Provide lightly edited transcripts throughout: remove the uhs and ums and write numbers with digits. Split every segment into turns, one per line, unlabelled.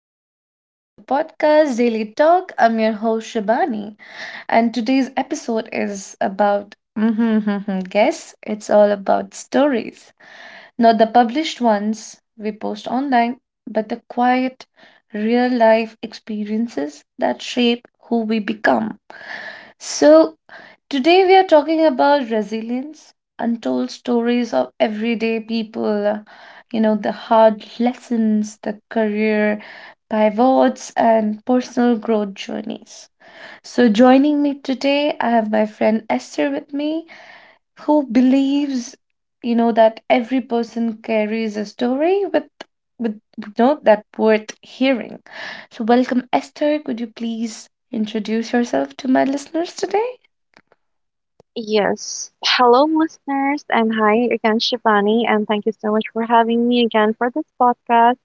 back to the podcast Daily Talk. I'm your host Shabani. And today's episode is about guess it's all about stories. Not the published ones we post online, but the quiet, real life experiences that shape who we become. So, today we are talking about resilience, untold stories of everyday people, the hard lessons, the career pivots, and personal growth journeys. So, joining me today, I have my friend Esther with me, who believes, that every person carries a story with that worth hearing. So, welcome, Esther. Could you please introduce yourself to my listeners today?
Yes. Hello, listeners, and hi again, Shivani, and thank you so much for having me again for this podcast.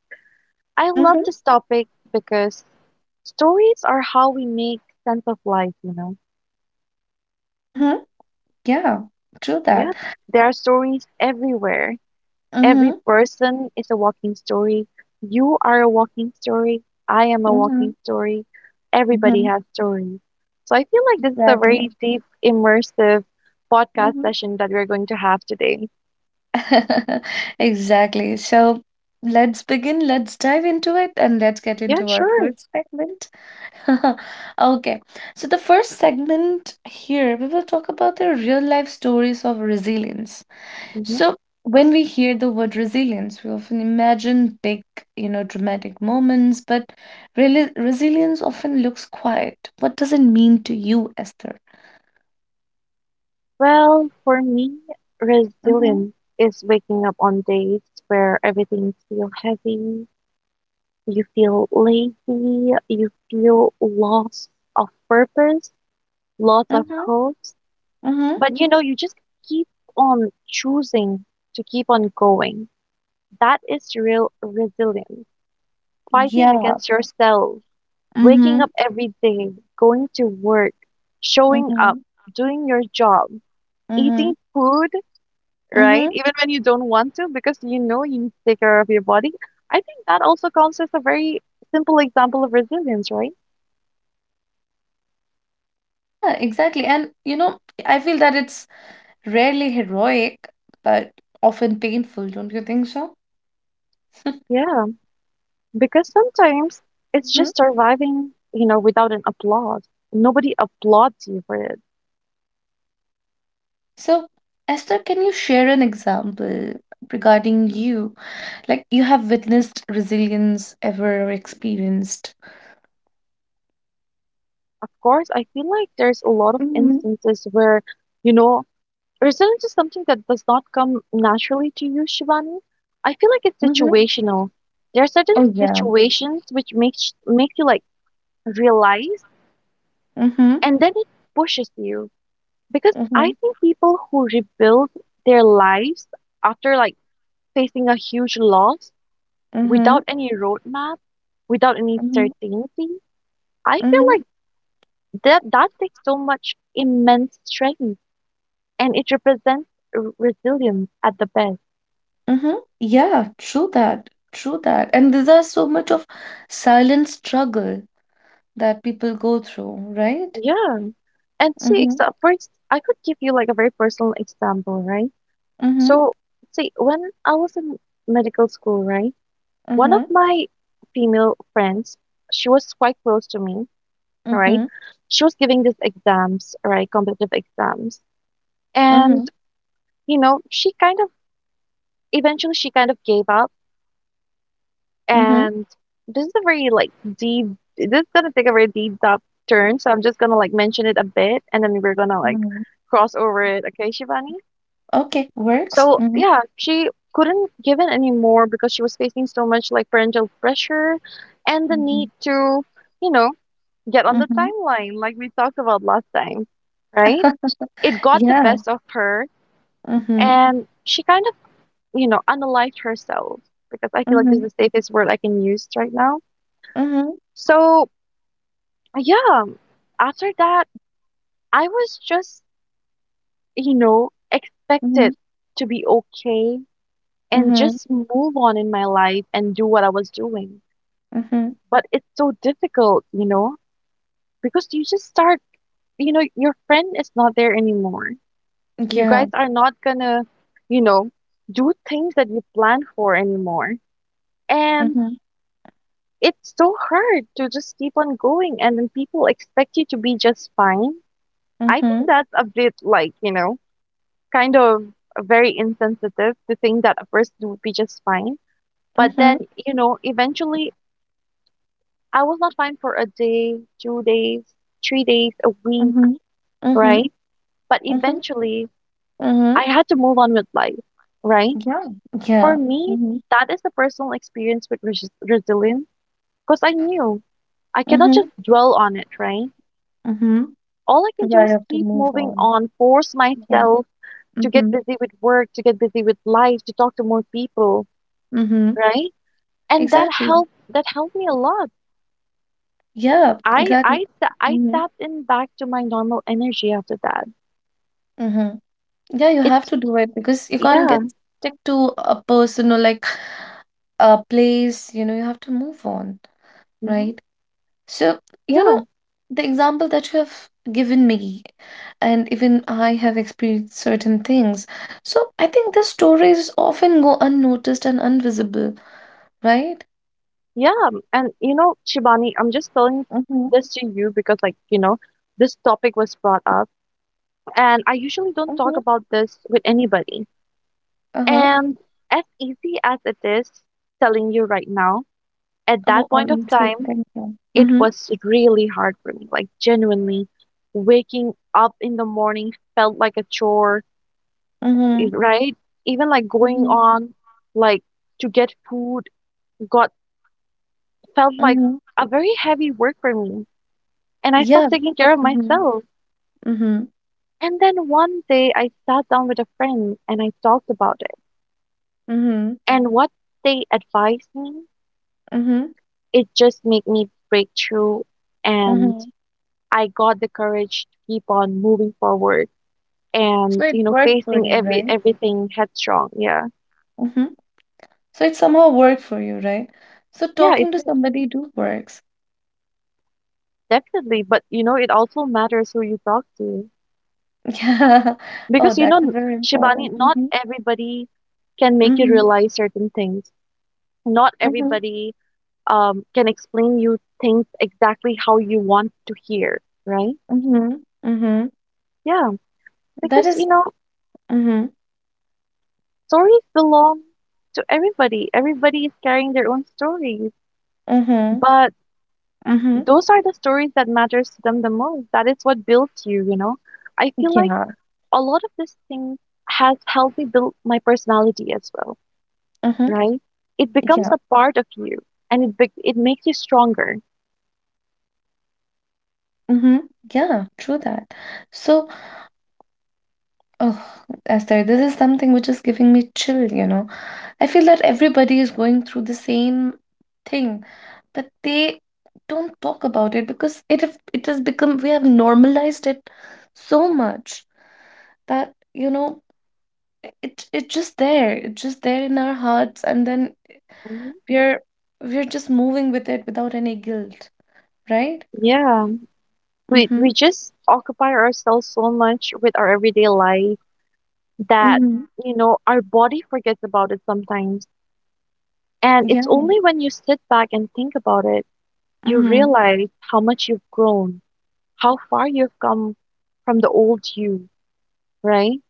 I love
Mm-hmm.
this topic because stories are how we make sense of life.
Mm-hmm. Yeah, true
Yeah,
that.
there are stories everywhere. Every
Mm-hmm.
person is a walking story. You are a walking story. I am a
Mm-hmm.
walking story. Everybody
Mm-hmm.
has stories. So I feel like this is a
Exactly.
very deep, immersive podcast
Mm-hmm.
session that we're going to have today.
Exactly. So, let's begin. Let's dive into it, and let's get
Yeah,
into our
sure.
first segment. Okay, so the first segment here, we will talk about the real life stories of resilience.
Mm-hmm.
So, when we hear the word resilience, we often imagine big, dramatic moments, but really, resilience often looks quiet. What does it mean to you, Esther?
Well, for me,
Mm-hmm,
resilience is waking up on days where everything feels heavy, you feel lazy, you feel loss of purpose, loss of
mm-hmm,
hopes,
mm-hmm.
but you just keep on choosing to keep on going. That is real resilience. Fighting
Yeah.
against yourself,
Mm-hmm,
waking up every day, going to work, showing
mm-hmm,
up, doing your job,
mm-hmm,
eating food,
mm-hmm.
right? Even when you don't want to, because you know you need to take care of your body. I think that also counts as a very simple example of resilience, right?
Yeah, exactly. And, I feel that it's rarely heroic, but often painful, don't you think so?
Yeah, because sometimes it's
Hmm.
just surviving, without an applause. Nobody applauds you for it.
So, Esther, can you share an example regarding you? Like you have witnessed resilience ever experienced?
Of course, I feel like there's a lot of
Hmm.
instances where, you know, resilience is something that does not come naturally to you, Shivani. I feel like it's
Hmm.
situational. There are certain
Oh yeah.
situations which make you like realize.
Mm-hmm.
And then it pushes you because
Mm-hmm.
I think people who rebuild their lives after like facing a huge loss,
Mm-hmm.
without any roadmap, without any
Hmm.
certainty, I feel
Mm-hmm.
like that takes so much immense strength, and it represents resilience at the best.
Mm-hmm. Yeah, true that. True that. And these are so much of silent struggle that people go through, right?
Yeah, and see
Mm-hmm.
first, I could give you like a very personal example, right?
Mm-hmm.
So see when I was in medical school, right? One of
Mm-hmm.
my female friends, she was quite close to me, right?
Mm-hmm.
She was giving these exams, right? Competitive exams. And,
Mm-hmm.
you know, she kind of, eventually she kind of gave up.
Mhm,
And this is a very like deep, this is gonna take a very deep dark turn. So I'm just gonna like mention it a bit and then we're gonna like
mhm.
cross over it. Okay, Shivani?
Okay, works.
So
Mhm,
yeah, she couldn't give in anymore because she was facing so much like parental pressure and the
mhm,
need to, you know, get on the
mhm.
timeline like we talked about last time, right? It got the
Yeah.
best of her,
Mhm,
and she kind of, analyzed herself because I feel like this
mhm,
is the safest word I can use right now.
mhm,
So, yeah, after that, I was just,
mhm,
expected to be okay and
mhm,
just move on in my life and do what I was doing.
mhm.
But it's so difficult, because you just start, your friend is not there anymore. You
Yeah.
guys are not gonna, you know, do things that you plan for anymore. And
Mhm,
it's so hard to just keep on going, and then people expect you to be just fine. I think
mhm,
that's a bit like, kind of very insensitive to think that a person would be just fine. But
mhm,
then, eventually I was not fine for a day, 2 days, 3 days, a week,
mhm, mhm,
right? But
mhm,
eventually
mhm.
I had to move on with life, right?
Yeah.
For
Yeah.
me,
Mhm,
that is a personal experience with resilience because I knew I cannot
mhm,
just dwell on it, right?
mhm.
All I can do
Yeah, you
is
have to
keep
move
moving
on.
on, force
Yeah.
myself to get
Mhm,
busy with work, to get busy with life, to talk to more people,
mhm.
right? And that
Exactly.
helped that helped me a lot.
Yeah.
I
Exactly.
I ta- I
Mhm,
tapped in back to my normal energy after that.
mhm. Yeah, you have
It's
to do it because you can't
yeah.
get stick to a person or like a place, you have to move on,
Mhm.
right? So, you
Yeah.
know, the example that you have given me, and even I have experienced certain things. So, I think the stories often go unnoticed and invisible, right?
Yeah. And Shibani, I'm just telling
Mm-hmm,
this to you because like, this topic was brought up. And I usually don't talk
mm-hmm.
about this with anybody.
Uh-huh.
And as easy as it is telling you right now, at
Oh,
that
I'm
point of
intrigued.
time,
Thank you.
it
Mm-hmm.
was really hard for me. Like, genuinely, waking up in the morning felt like a chore,
Mm-hmm.
right? Even like going
Mm-hmm.
on, like to get food, got felt like
Mm-hmm.
a very heavy work for me. And I
Yeah.
stopped taking care of
Mm-hmm.
myself.
Mm-hmm.
And then one day I sat down with a friend and I talked about it.
Mm-hmm.
And what they advised me,
Mm-hmm.
it just made me break through, and
Mm-hmm.
I got the courage to keep on moving forward
So
and,
it
you know,
worked for
facing
you,
every
right?
everything headstrong. Yeah.
Mm-hmm. So it somehow worked for you, right? So
Yeah, it's
talking to
it is
somebody do works.
definitely. But it also matters who you talk to.
Yeah. Oh,
Because
that is very
Shibani,
important.
not
Mm-hmm.
everybody can make you
Mm-hmm.
realize certain things. Not
Mm-hmm.
everybody can explain you things exactly how you want to hear, right?
Mm-hmm. Mm-hmm.
Yeah.
That
Because
is. Mm-hmm.
stories belong to everybody. Everybody is carrying their own stories,
Mm-hmm.
but
Mm-hmm.
those are the stories that matters to them the most. That is what built you, you know. I feel like
Yeah.
a lot of this thing has helped me build my personality as well,
Mm-hmm.
right? It becomes
Yeah.
a part of you, and it makes you stronger.
Mm-hmm. Yeah. True that. So, oh, Esther, this is something which is giving me chill. I feel that everybody is going through the same thing, but they don't talk about it because it has become we have normalized it so much that it's just there, it's just there in our hearts, and then
Mhm.
we're we're just moving with it without any guilt, right?
Yeah, we
Mm-hmm.
we just occupy ourselves so much with our everyday life that
Mm-hmm.
our body forgets about it sometimes. And it's
Yeah.
only when you sit back and think about it, you
Mm-hmm.
realize how much you've grown, how far you've come from the old you, right?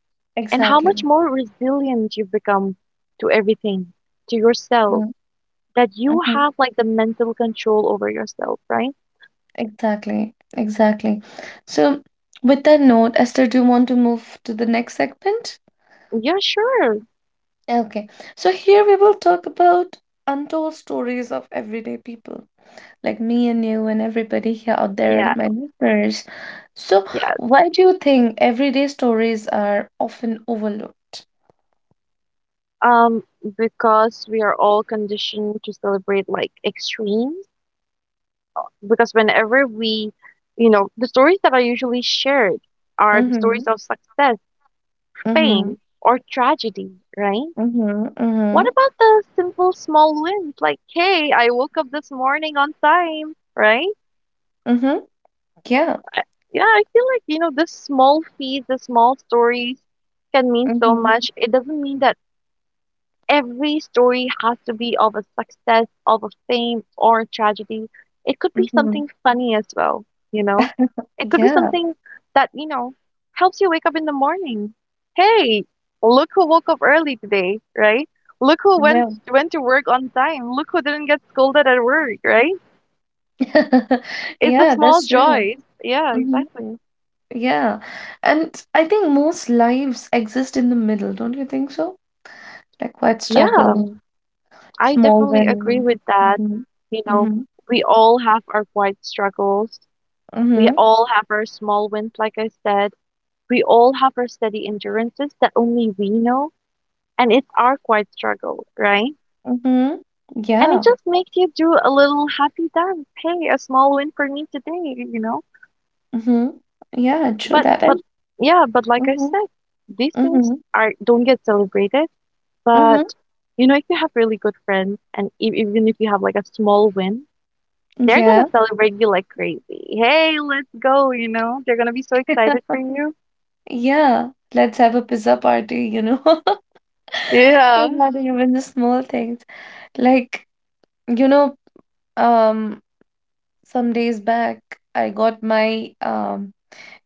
And how much
Exactly.
more resilient you've become to everything, to yourself, that you
Mm-hmm.
have like the mental control over yourself, right?
Exactly, exactly. So, with that note, Esther, do you want to move to the next segment?
Yeah, sure.
Okay. So, here we will talk about untold stories of everyday people like me and you and everybody here out there
Yeah,
and my listeners. So,
yeah.
why do you think everyday stories are often overlooked?
Um, because we are all conditioned to celebrate like extremes. Because whenever we, you know, the stories that are usually shared are the
Mm-hmm.
stories of success,
Mm-hmm.
fame, or tragedy, right?
Mm-hmm.
What
Mm-hmm.
about the simple small wins like, hey, I woke up this morning on time, right?
Mm-hmm. Yeah.
I, yeah, I feel like, the the small stories can mean so
Mm-hmm.
much. It doesn't mean that every story has to be of a success, of a fame, or a tragedy. It could be
Mm-hmm.
something funny as well, you know? It could be
Yeah.
something that, helps you wake up in the morning. Hey, look who woke up early today, right? Look who went
Well.
went to work on time. Look who didn't get scolded at work, right? It's the
Yeah,
small
that's true.
joys. Yeah, exactly.
Yeah. And I think most lives exist in the middle, don't you think so? Like quiet
Yeah,
struggle,
I
small
definitely agree
win.
with that.
Mm-hmm.
You know,
Mm-hmm.
we all have our quiet struggles. We
Mm-hmm.
all have our small wins, like I said. We all have our steady endurances that only we know, and it's our quiet struggle, right?
Mm-hmm.
And it
Yeah.
just makes you do a little happy dance. Hey, a small win for me today, you know?
Mm-hmm. Yeah, true
But,
that. And
but, yeah, but like I
mm-hmm.
said, these things
Mm-hmm.
don't get celebrated, but
Mm-hmm.
if you have really good friends, and even if you have like a small win, they're
Yeah.
gonna celebrate you like crazy. Hey, let's go, you know? They're gonna be so excited for you.
Yeah. Let's have a pizza party.
Yeah.
Regarding even the small things. Like, you know, um some days back I got my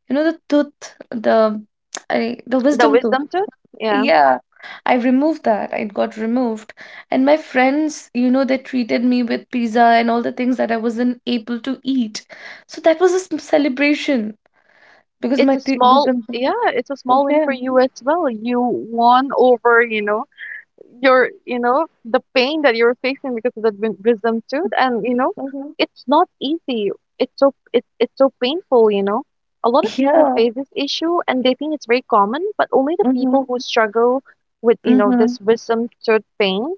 you know the tooth, the
The
wisdom tooth.
wisdom tooth? Yeah.
Yeah, I removed that. It got removed. And my friends, they treated me with pizza and all the things that I wasn't able to eat. So that was a celebration because my teeth wisdom
Yeah, it's a
tooth.
small win
Yeah.
for you as well. You won over, the pain that you're facing because of that wisdom tooth. And,
Mhm.
it's not easy. It's so painful. A lot of people
Yeah.
face this issue and they think it's very common, but only the people
Mm-hmm.
who struggle with,
Mm-hmm.
this wisdom tooth pain,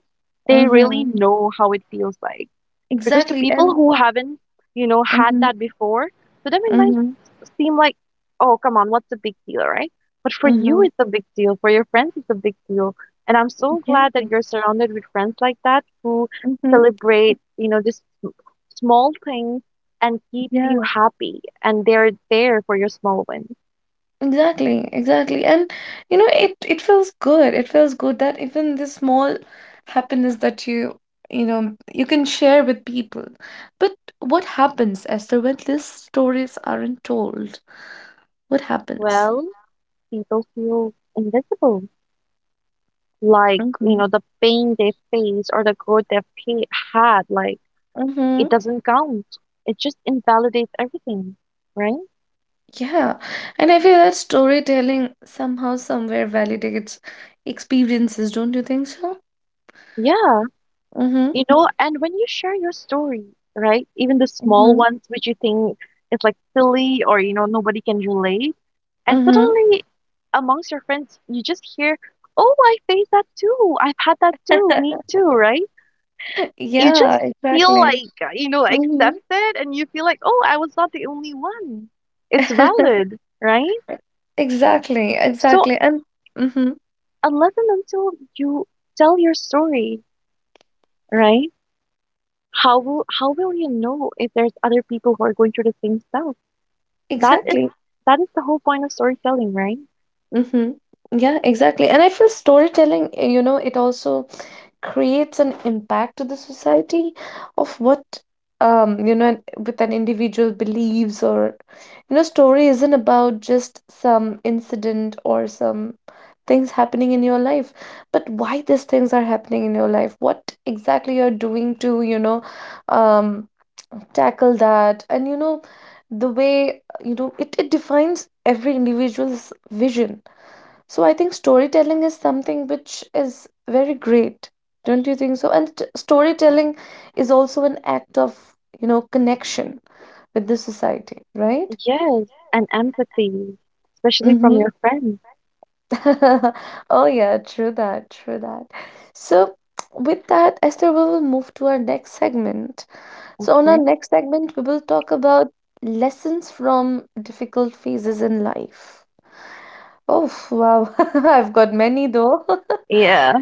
they really
Mm-hmm.
know how it feels like. Because to
Exactly.
people
And
who haven't, had
mm-hmm.
that before, to them it might
Mm-hmm.
seem like, oh, come on, what's the big deal, right? But for you,
Mm-hmm.
it's a big deal. For your friends, it's a big deal. And I'm so
Yeah.
glad that you're surrounded with friends like that who
Mm-hmm.
celebrate, this small things and keep you
Yeah.
happy. And they're there for your small wins.
Exactly, exactly. And it feels good. It feels good that even this small happiness that you can share with people. But what happens, Esther, when these stories aren't told? What happens?
Well, people feel invisible, like, you
Hmm.
know, the pain they face or the growth they've had, like, it
Mm-hmm.
doesn't count. It just invalidates everything, right?
Yeah. And I feel that storytelling somehow somewhere validates experiences, don't you think so?
Yeah.
Mm-hmm.
And when you share your story, right? Even the small
Hmm.
ones which you think is like silly or nobody can relate, and
Mm-hmm.
suddenly amongst your friends you just hear, "Oh, I faced that too. I've had that too. Me too," right? You
Yeah,
just feel
exactly.
like,
Mm-hmm.
accepted and you feel like, "Oh, I was not the only one." It's valid, right?
Exactly,
So,
exactly. And mm-hmm,
unless and until you tell your story, right? How will you know if there's other people who are going through the same stuff? That is
exactly.
that is the whole point of storytelling, right?
Mm-hmm. Yeah, exactly. And I feel storytelling, it also creates an impact to the society of what with an individual believes, or story isn't about just some incident or some things happening in your life, but why these things are happening in your life, what exactly you're doing to um tackle that. And the way you know it, it defines every individual's vision. So I think storytelling is something which is very great. Don't you think so? And storytelling is also an act of, connection with the society, right?
Yes, and empathy, especially from
Mm-hmm.
your friends,
Oh yeah, true that, true that. So with that, Esther, we will move to our next segment. So on our
right?
next segment, we will talk about lessons from difficult phases in life. Oh wow, I've got many though.
Yeah.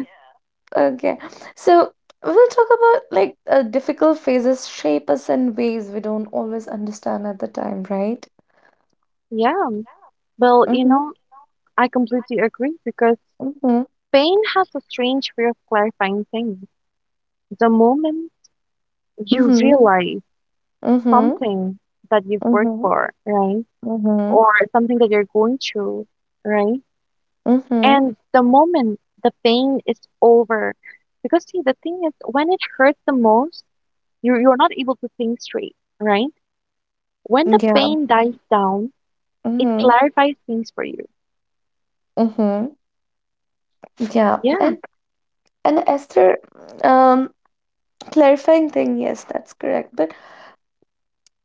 Okay. So we'll talk about like difficult phases shape us in ways we don't always understand at the time, right?
Yeah. Well, you
Mm-hmm.
know, I completely agree because
Mm-hmm.
Spain has a strange way of clarifying things. The moment you
Mm-hmm.
realize
Mm-hmm.
something that you've worked for, right?
Mm-hmm.
Or something that you're going through, right?
Mm-hmm.
And the moment the pain is over, because see, the thing is, when it hurts the most, you're not able to think straight, right? When the
Yeah.
pain dies down, it
Mm-hmm.
clarifies things for you.
Mm-hmm. Yeah.
Yeah.
And Esther, um, clarifying thing, yes, that's correct. But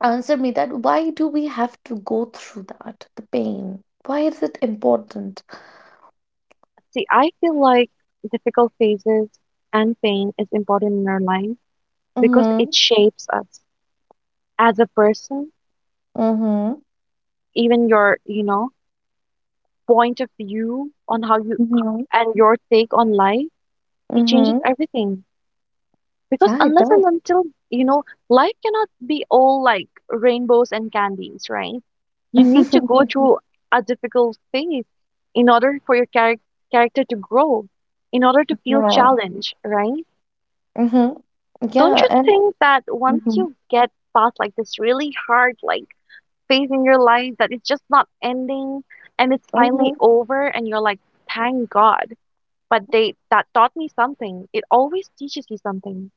answer me that why do we have to go through that, the pain? Why is it important?
See, I feel like difficult phases and pain is important in our life because
Mm-hmm.
it shapes us as a person,
Mm-hmm.
even your, point of view on how you
Mm-hmm.
and your take on life, it changes
Mm-hmm.
everything. Because
Yeah, it
unless
does.
and until, you know, life cannot be all like rainbows and candies, right? You need to go through a difficult phase in order for your character to grow, in order to feel
Yeah.
challenged, right?
Mm-hmm.
Don't
Yeah,
you
and
think that once
mm-hmm.
you get past like this really hard like phase in your life that it's just not ending and it's
Mm-hmm.
finally over and you're like, thank God. But they that taught me something. It always teaches you something.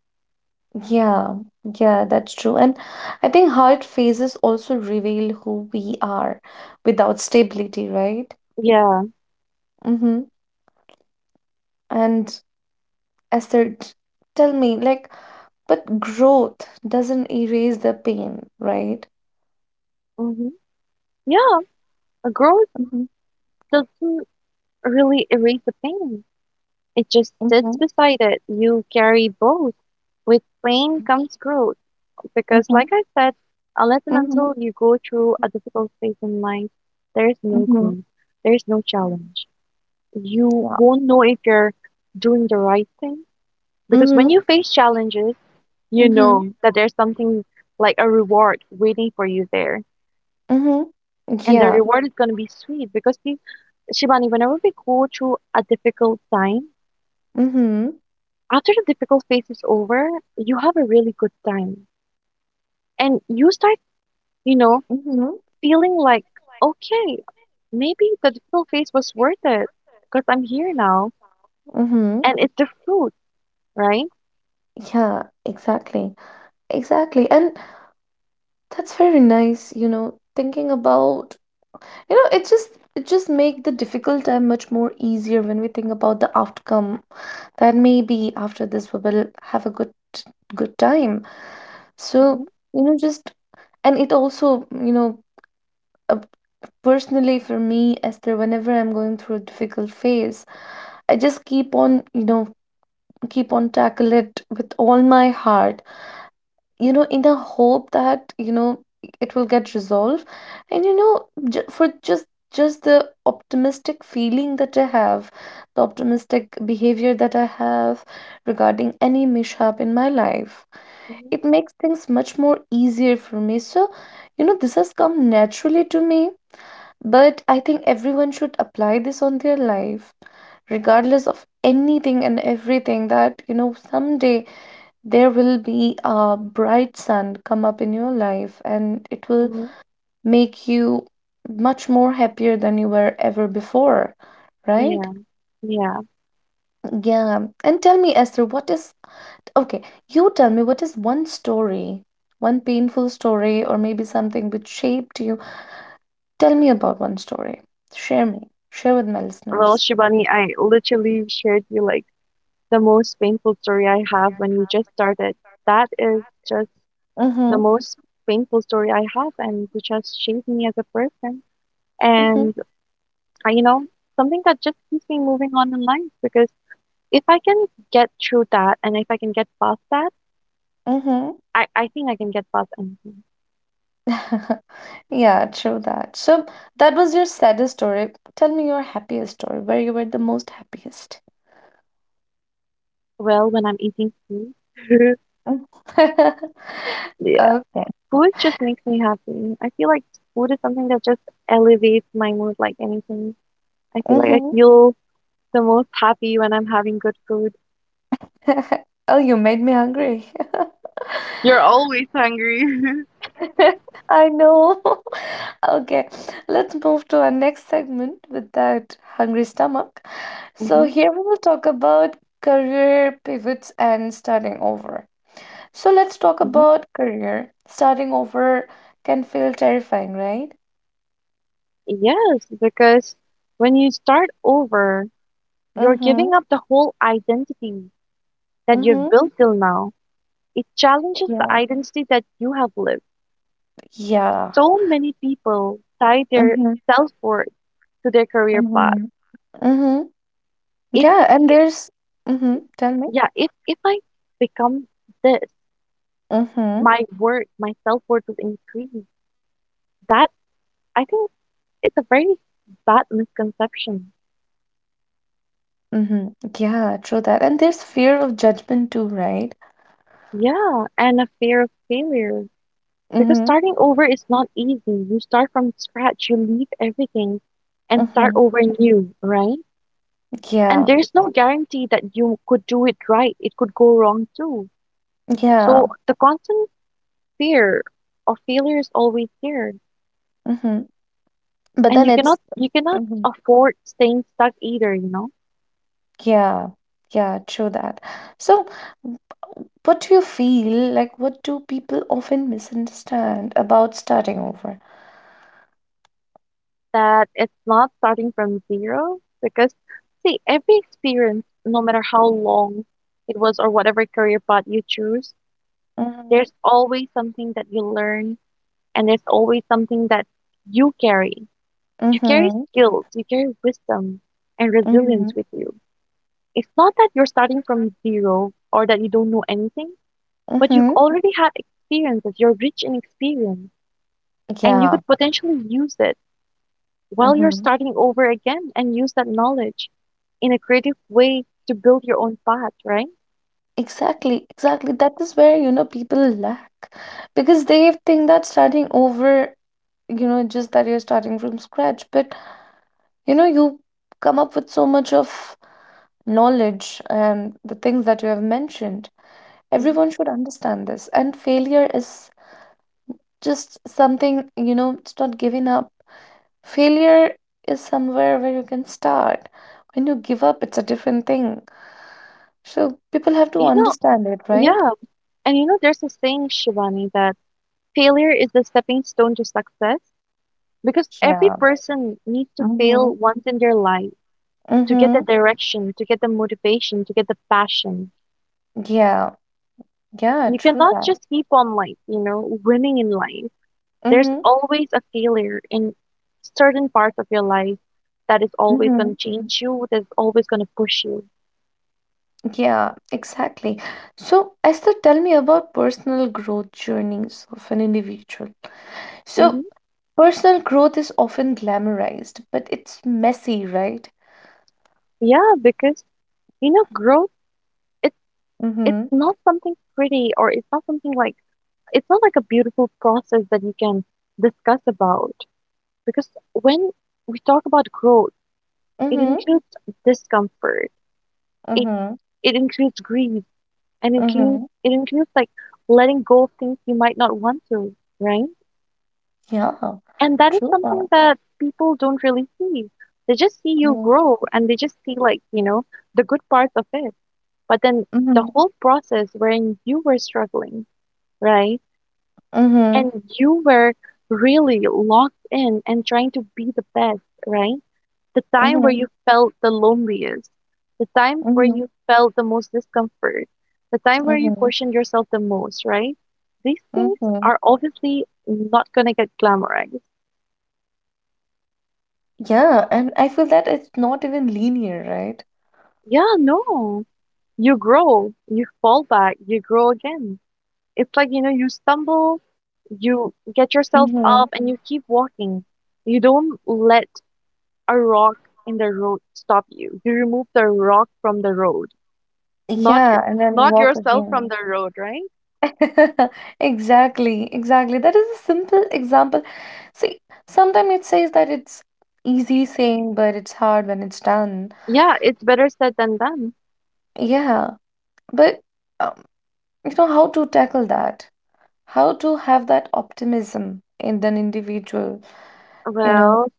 Yeah, yeah, that's true. And I think hard phases also reveal who we are without stability, right?
Yeah.
Mm-hmm. And Esther, tell me, like, but growth doesn't erase the pain, right?
Mm-hmm. Yeah. A growth
Mm-hmm.
doesn't really erase the pain. It just sits
Mm-hmm.
beside it. You carry both. With pain comes growth. Because,
Mm-hmm.
like I said, unless and
Mm-hmm.
until you go through a difficult phase in life, there's no
Mm-hmm.
growth. There's no challenge. You
Yeah.
won't know if you're doing the right thing. Because when
Mm-hmm.
you face challenges, you
Mm-hmm.
know that there's something like a reward waiting for you there.
Mm-hmm.
And the
Yeah.
reward is going to be sweet because see, Shivani, whenever we go through a difficult time,
Mm-hmm.
after the difficult phase is over, you have a really good time. And you start, you know,
Mm-hmm.
feeling like, okay, maybe the difficult phase was worth it because I'm here now
Mm-hmm.
and it's the fruit, right?
Yeah, exactly. Exactly. And that's very nice, you know, thinking about, you know, it just it just make the difficult time much more easier when we think about the outcome that maybe after this we will have a good good time. So,
hmm
just and it also, uh, personally for me, Esther, whenever I'm going through a difficult phase, I just keep on tackle it with all my heart, in the hope that it will get resolved, and for just the optimistic feeling that I have, the optimistic behavior that I have regarding any mishap in my life.
hmm
It makes things much more easier for me, so this has come naturally to me, but I think everyone should apply this on their life, regardless of anything and everything, that someday there will be a bright sun come up in your life and it will
hmm
make you much more happier than you were ever before, right?
Yeah, yeah.
Yeah. And tell me, Esther, what is okay, you tell me what is one story, one painful story, or maybe something which shaped you. Tell me about one story. Share me. Share with my
Well,
listeners.
Shivani, I literally shared you like the most painful story I have when we just started. That is just the
Mhm,
most painful story I have and which has shaped me as a person.
mhm,
And, you know, something that just keeps me moving on in life because if I can get through that and if I can get past that,
mhm.
I think I can get past anything.
Yeah, true that. So that was your saddest story. Tell me your happiest story, where you were the most happiest.
Well, when I'm eating food,
Mm.
yeah,
Okay.
food just makes me happy. I feel like food is something that just elevates my mood like anything. I
Hmm.
feel the most happy when I'm having good food.
Oh, you made me hungry.
You're always hungry.
I know. Okay, let's move to our next segment with that hungry stomach. So
hmm
here we will talk about career pivots and starting over. So let's talk about career. Starting over can feel terrifying, right?
Yes, because when you start over, you're
Mm-hmm.
giving up the whole identity that
Mm-hmm.
you've built till now. It challenges the
Yeah.
identity that you have lived.
Yeah.
So many people tie their
Mm-hmm.
self-worth to their career path.
Mm-hmm. Mm-hmm.
If,
Yeah, and
I-
there's mm-hmm. Tell me.
Yeah, if I become this,
Mm-hmm.
my worth, my self-worth will increase. That I think it's a very bad misconception.
Mm-hmm. Yeah, true that. And there's fear of judgment too, right?
Yeah, and a fear of failure. Because
Mm-hmm.
starting over is not easy. You start from scratch, you leave everything and start
Mm-hmm.
over new, right? And
Yeah.
there's no guarantee that you could do it right. It could go wrong too. So
Yeah.
the constant fear of failure is always there.
Mm-hmm. But
And
then
you
it's.
cannot you cannot
Mm-hmm.
afford staying stuck either, you know?
Yeah. Yeah, true that. So, what do you feel like? What do people often misunderstand about starting over?
That it's not starting from zero because see every experience, no matter how long it was or whatever career path you choose,
Mm-hmm.
there's always something that you learn and there's always something that you carry. You carry
Mm-hmm.
skills, you carry wisdom and
Mm-hmm.
resilience with you. It's not that you're starting from zero or that you don't know anything, but you've
Mm-hmm.
already had experiences. You're rich in experience, and you
Yeah.
could potentially use it while you're
Mm-hmm.
starting over again and use that knowledge in a creative way to build your own path, right?
Exactly. Exactly. That is where, people lack because they think that starting over, just that you're starting from scratch. But, you come up with so much of knowledge and the things that you have mentioned. Everyone
hmm
should understand this. And failure is just something, it's not giving up. Failure is somewhere where you can start. When you give up, it's a different thing. So people have to
You know,
understand it, right?
yeah. And you know, there's a saying, Shivani, that failure is the stepping stone to success. Because every
Yeah.
person needs to
Mm-hmm.
fail once in their life to get the
Mm-hmm.
direction, to get the motivation, to get the passion.
Yeah. Yeah,
You
true
cannot
that.
just keep on like, you know, winning in life. There's
Mm-hmm.
always a failure in certain parts of your life that is always going to
Mm-hmm.
change you, that's always going to push you.
Yeah, exactly. So, Esther, tell me about personal growth journeys of an individual. So,
hmm
personal growth is often glamorized, but it's messy, right?
Yeah, because you know, growth it's
Mm-hmm.
it's not something pretty or it's not something like it's not like a beautiful process that you can discuss about because when we talk about growth, it
Mm-hmm.
includes discomfort. It
Mm-hmm.
it includes grief, and it includes
Mm-hmm.
it includes like letting go of things you might not want to, right?
Yeah,
And that is
true that.
something that people don't really see. They just see you
Mm-hmm.
grow, and they just see like you know the good parts of it. But then
Mm-hmm.
the whole process wherein you were struggling, right?
Mhm,
And you were really locked in and trying to be the best, right? The time where
mhm,
you felt the loneliest, the time where
mhm,
you felt the most discomfort, the time where you
mhm,
questioned yourself the most, right? These things
mhm.
are obviously not going to get glamorized.
Yeah, and I feel that it's not even linear, right?
Yeah, no. You grow, you fall back, you grow again. It's like, you know, you stumble, you get yourself
Mm-hmm.
up, and you keep walking. You don't let a rock in the road stop you. You remove the rock from the road, not your,
Yeah, and then
not
walk
yourself from
again.
the road, right?
Exactly, exactly. That is a simple example. See, sometimes it says that it's easy saying, but it's hard when it's done.
Yeah, it's better said than done.
Yeah, but um, you know how to tackle that? How to have that optimism in an individual, you know?
Well,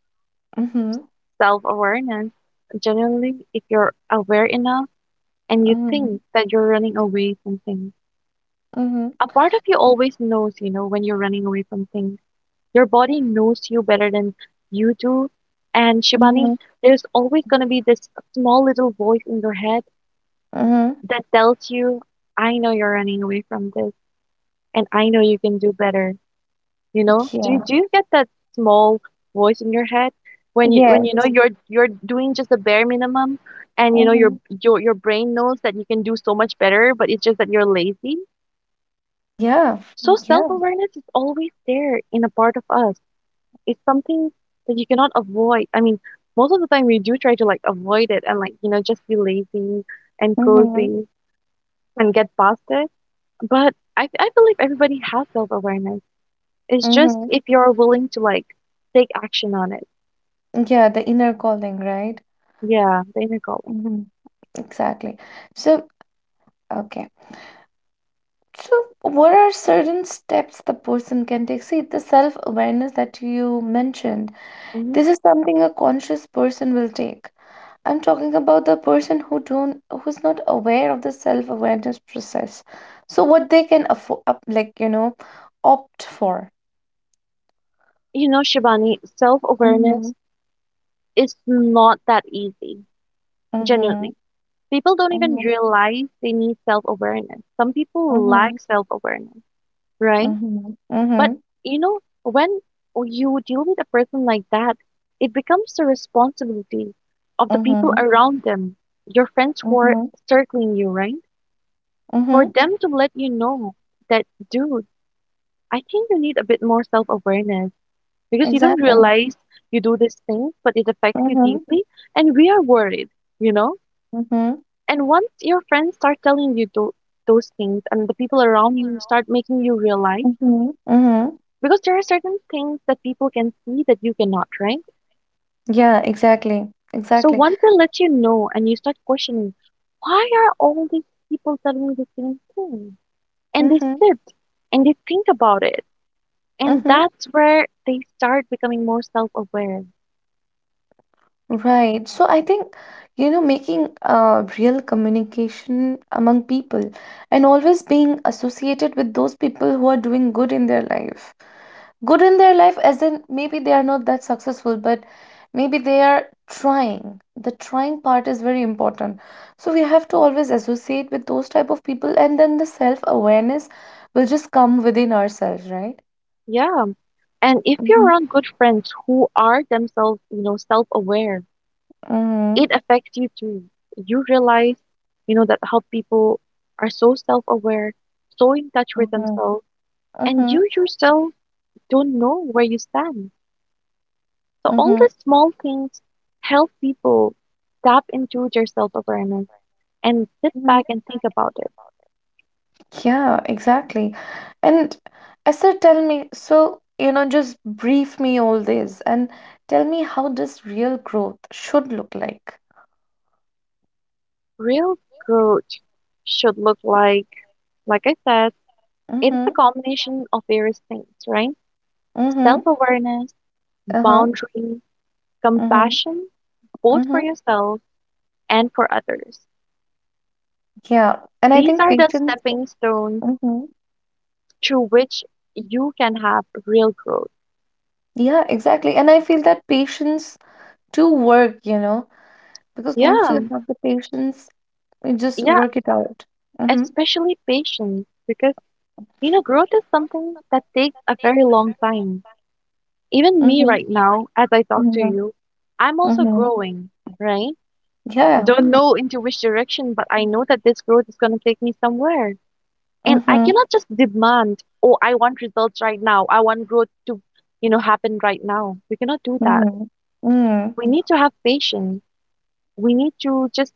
Mm-hmm,
self-awareness. Genuinely, if you're aware enough and you
mm-hmm,
think that you're running away from things,
mm-hmm,
a part of you always knows, you know, when you're running away from things. Your body knows you better than you do. And Shivani,
mm-hmm.
there's always going to be this small little voice in your head
Mhm.
that tells you, I know you're running away from this, and I know you can do better. You know, do you
Yeah.
do you get that small voice in your head when you know
Yes.
you're doing just the bare minimum and you know your
Mm-hmm.
your your brain knows that you can do so much better, but it's just that you're lazy?
Yeah.
So
Yeah.
self-awareness is always there in a part of us. It's something that you cannot avoid. I mean, most of the time we do try to like avoid it and like, you know, just be lazy and
Mm-hmm.
cozy and get past it. But I believe everybody has self-awareness. It's just
Mm-hmm.
if you're willing to like take action on it.
Yeah, the inner calling, right?
Yeah, the inner golem.
Mm-hmm. Exactly. So, okay. So, what are certain steps the person can take? See, the self-awareness that you mentioned,
hmm
this is something a conscious person will take. I'm talking about the person who don't, who's not aware of the self-awareness process. So, what they can afford, like, you know, opt for.
You know, Shivani,
Mm-hmm.
self-awareness is not that easy,
Mm-hmm.
genuinely. People don't even
Mm-hmm.
realize they need self-awareness. Some people
Mhm,
lack self-awareness, right?
mhm,
But
mhm,
you know, when you deal with a person like that, it becomes the responsibility of the people
mhm,
around them, your friends who are
mhm,
circling you, right? For
mhm,
them to let you know that, dude, I think you need a bit more self-awareness. Because you don't
exactly.
realize you do this thing, but it affects you
Mhm,
deeply, and we are worried, you know?
mhm,
And once your friends start telling you those things, and the people around you start making you realize,
mhm, mhm.
because there are certain things that people can see that you cannot, right?
Yeah, exactly,
So
exactly.
once they let you know, and you start questioning, why are all these people telling me the same thing? And they
Mhm,
sit and they think about it, and
mhm.
that's where they start becoming more self-aware.
Right. So I think, you know, making real communication among people, and always being associated with those people who are doing good in their life. Good in their life as in maybe they are not that successful, but maybe they are trying. The trying part is very important, so we have to always associate with those type of people, and then the self awareness will just come within ourselves, right?
Yeah. And if you're
Mm-hmm.
around good friends who are themselves, you know, self-aware,
Mm-hmm.
it affects you too. You realize, you know, that how people are so self-aware, so in touch with
Mm-hmm.
themselves, and
Mm-hmm.
you yourself don't know where you stand. So all
Mm-hmm.
these small things help people tap into their self-awareness and sit
Mm-hmm.
back and think about it.
Yeah, exactly. And Esther, tell me, so, you know, just brief me all this and tell me how this real growth should look like.
Real growth should look like I said, it's a
Mm-hmm.
combination of various things, right?
Mm-hmm.
Self-awareness
Uh-huh.
boundary,
Mm-hmm.
compassion, both for
Mm-hmm.
yourself and for others.
Yeah. And I
These
think
are the
patience.
stepping stones
Mm-hmm.
through which you can have real growth.
Yeah, exactly. And I feel that patience to work, you know, because once you
Yeah,
have the patience, you just
yeah,
work it out. Mm-hmm.
especially patience, because, you know, growth is something that takes a very long time. Even me
Mm-hmm.
right now, as I talk to
Mm-hmm.
you, I'm also
Mm-hmm.
growing, right?
Yeah.
Don't know into which direction, but I know that this growth is going to take me somewhere. And I
Mm-hmm.
cannot just demand, oh, I want results right now, I want growth to, you know, happen right now. We cannot do that.
Mm-hmm. Mm-hmm.
We need to have patience, we need to just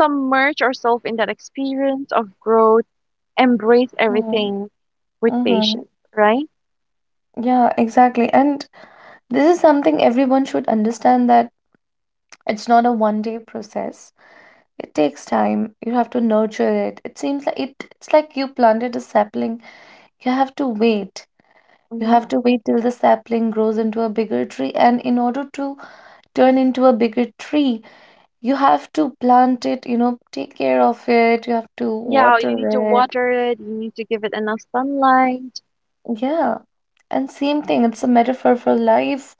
submerge ourselves in that experience of growth, embrace everything with
Mm-hmm.
patience, right?
Yeah, exactly. And this is something everyone should understand, that it's not a one day process. It takes time. You have to nurture it. It seems like it, it's like you planted a sapling. You have to wait. You
hmm
have to wait till the sapling grows into a bigger tree. And in order to turn into a bigger tree, you have to plant it, you know, take care of it. You have to
yeah, you need to
water it.
water it, you need to give it enough sunlight.
Yeah. And same thing, it's a metaphor for life,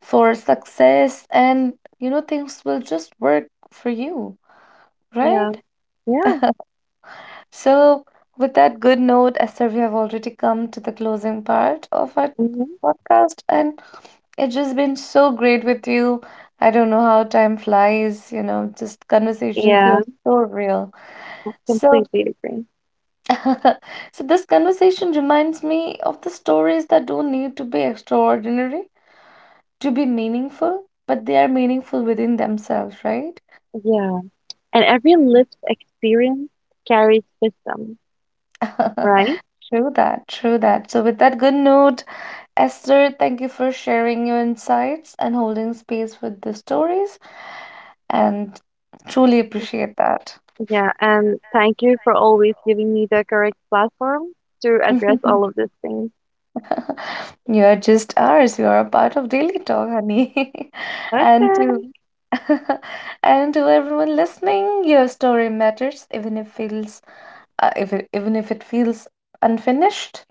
for success, and you know, things will just work for you,
Yeah.
right?
Yeah.
So, with that good note, Esther, we have already come to the closing part of our
hmm
podcast, and it's just been so great with you. I don't know how time flies, you know, just conversation
yeah,
feels so real.
I
So,
completely agree.
so this conversation reminds me of the stories that don't need to be extraordinary to be meaningful, but they are meaningful within themselves, right?
Yeah, and every lived experience carries wisdom, right?
True that, true that. So, with that good note, Esther, thank you for sharing your insights and holding space with the stories, and truly appreciate that.
Yeah, and thank you for always giving me the correct platform to address all of these things.
You are just ours. You are a part of Daily Talk, honey. And to
Okay,
and to everyone listening, your story matters, even if it feels if it, even if it feels unfinished,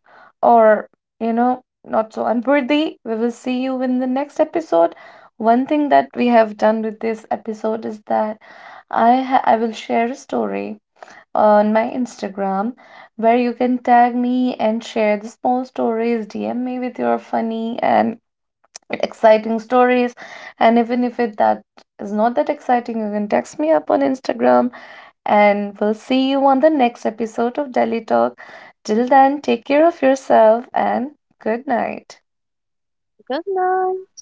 or you know, not so unworthy. We will see you in the next episode. One thing that we have done with this episode is that I will share a story on my Instagram, where you can tag me and share the small stories. DM me with your funny and exciting stories, and even if it that is not that exciting, you can text me up on Instagram, and we'll see you on the next episode of Delhi Talk. Till then, take care of yourself and good night.
good night.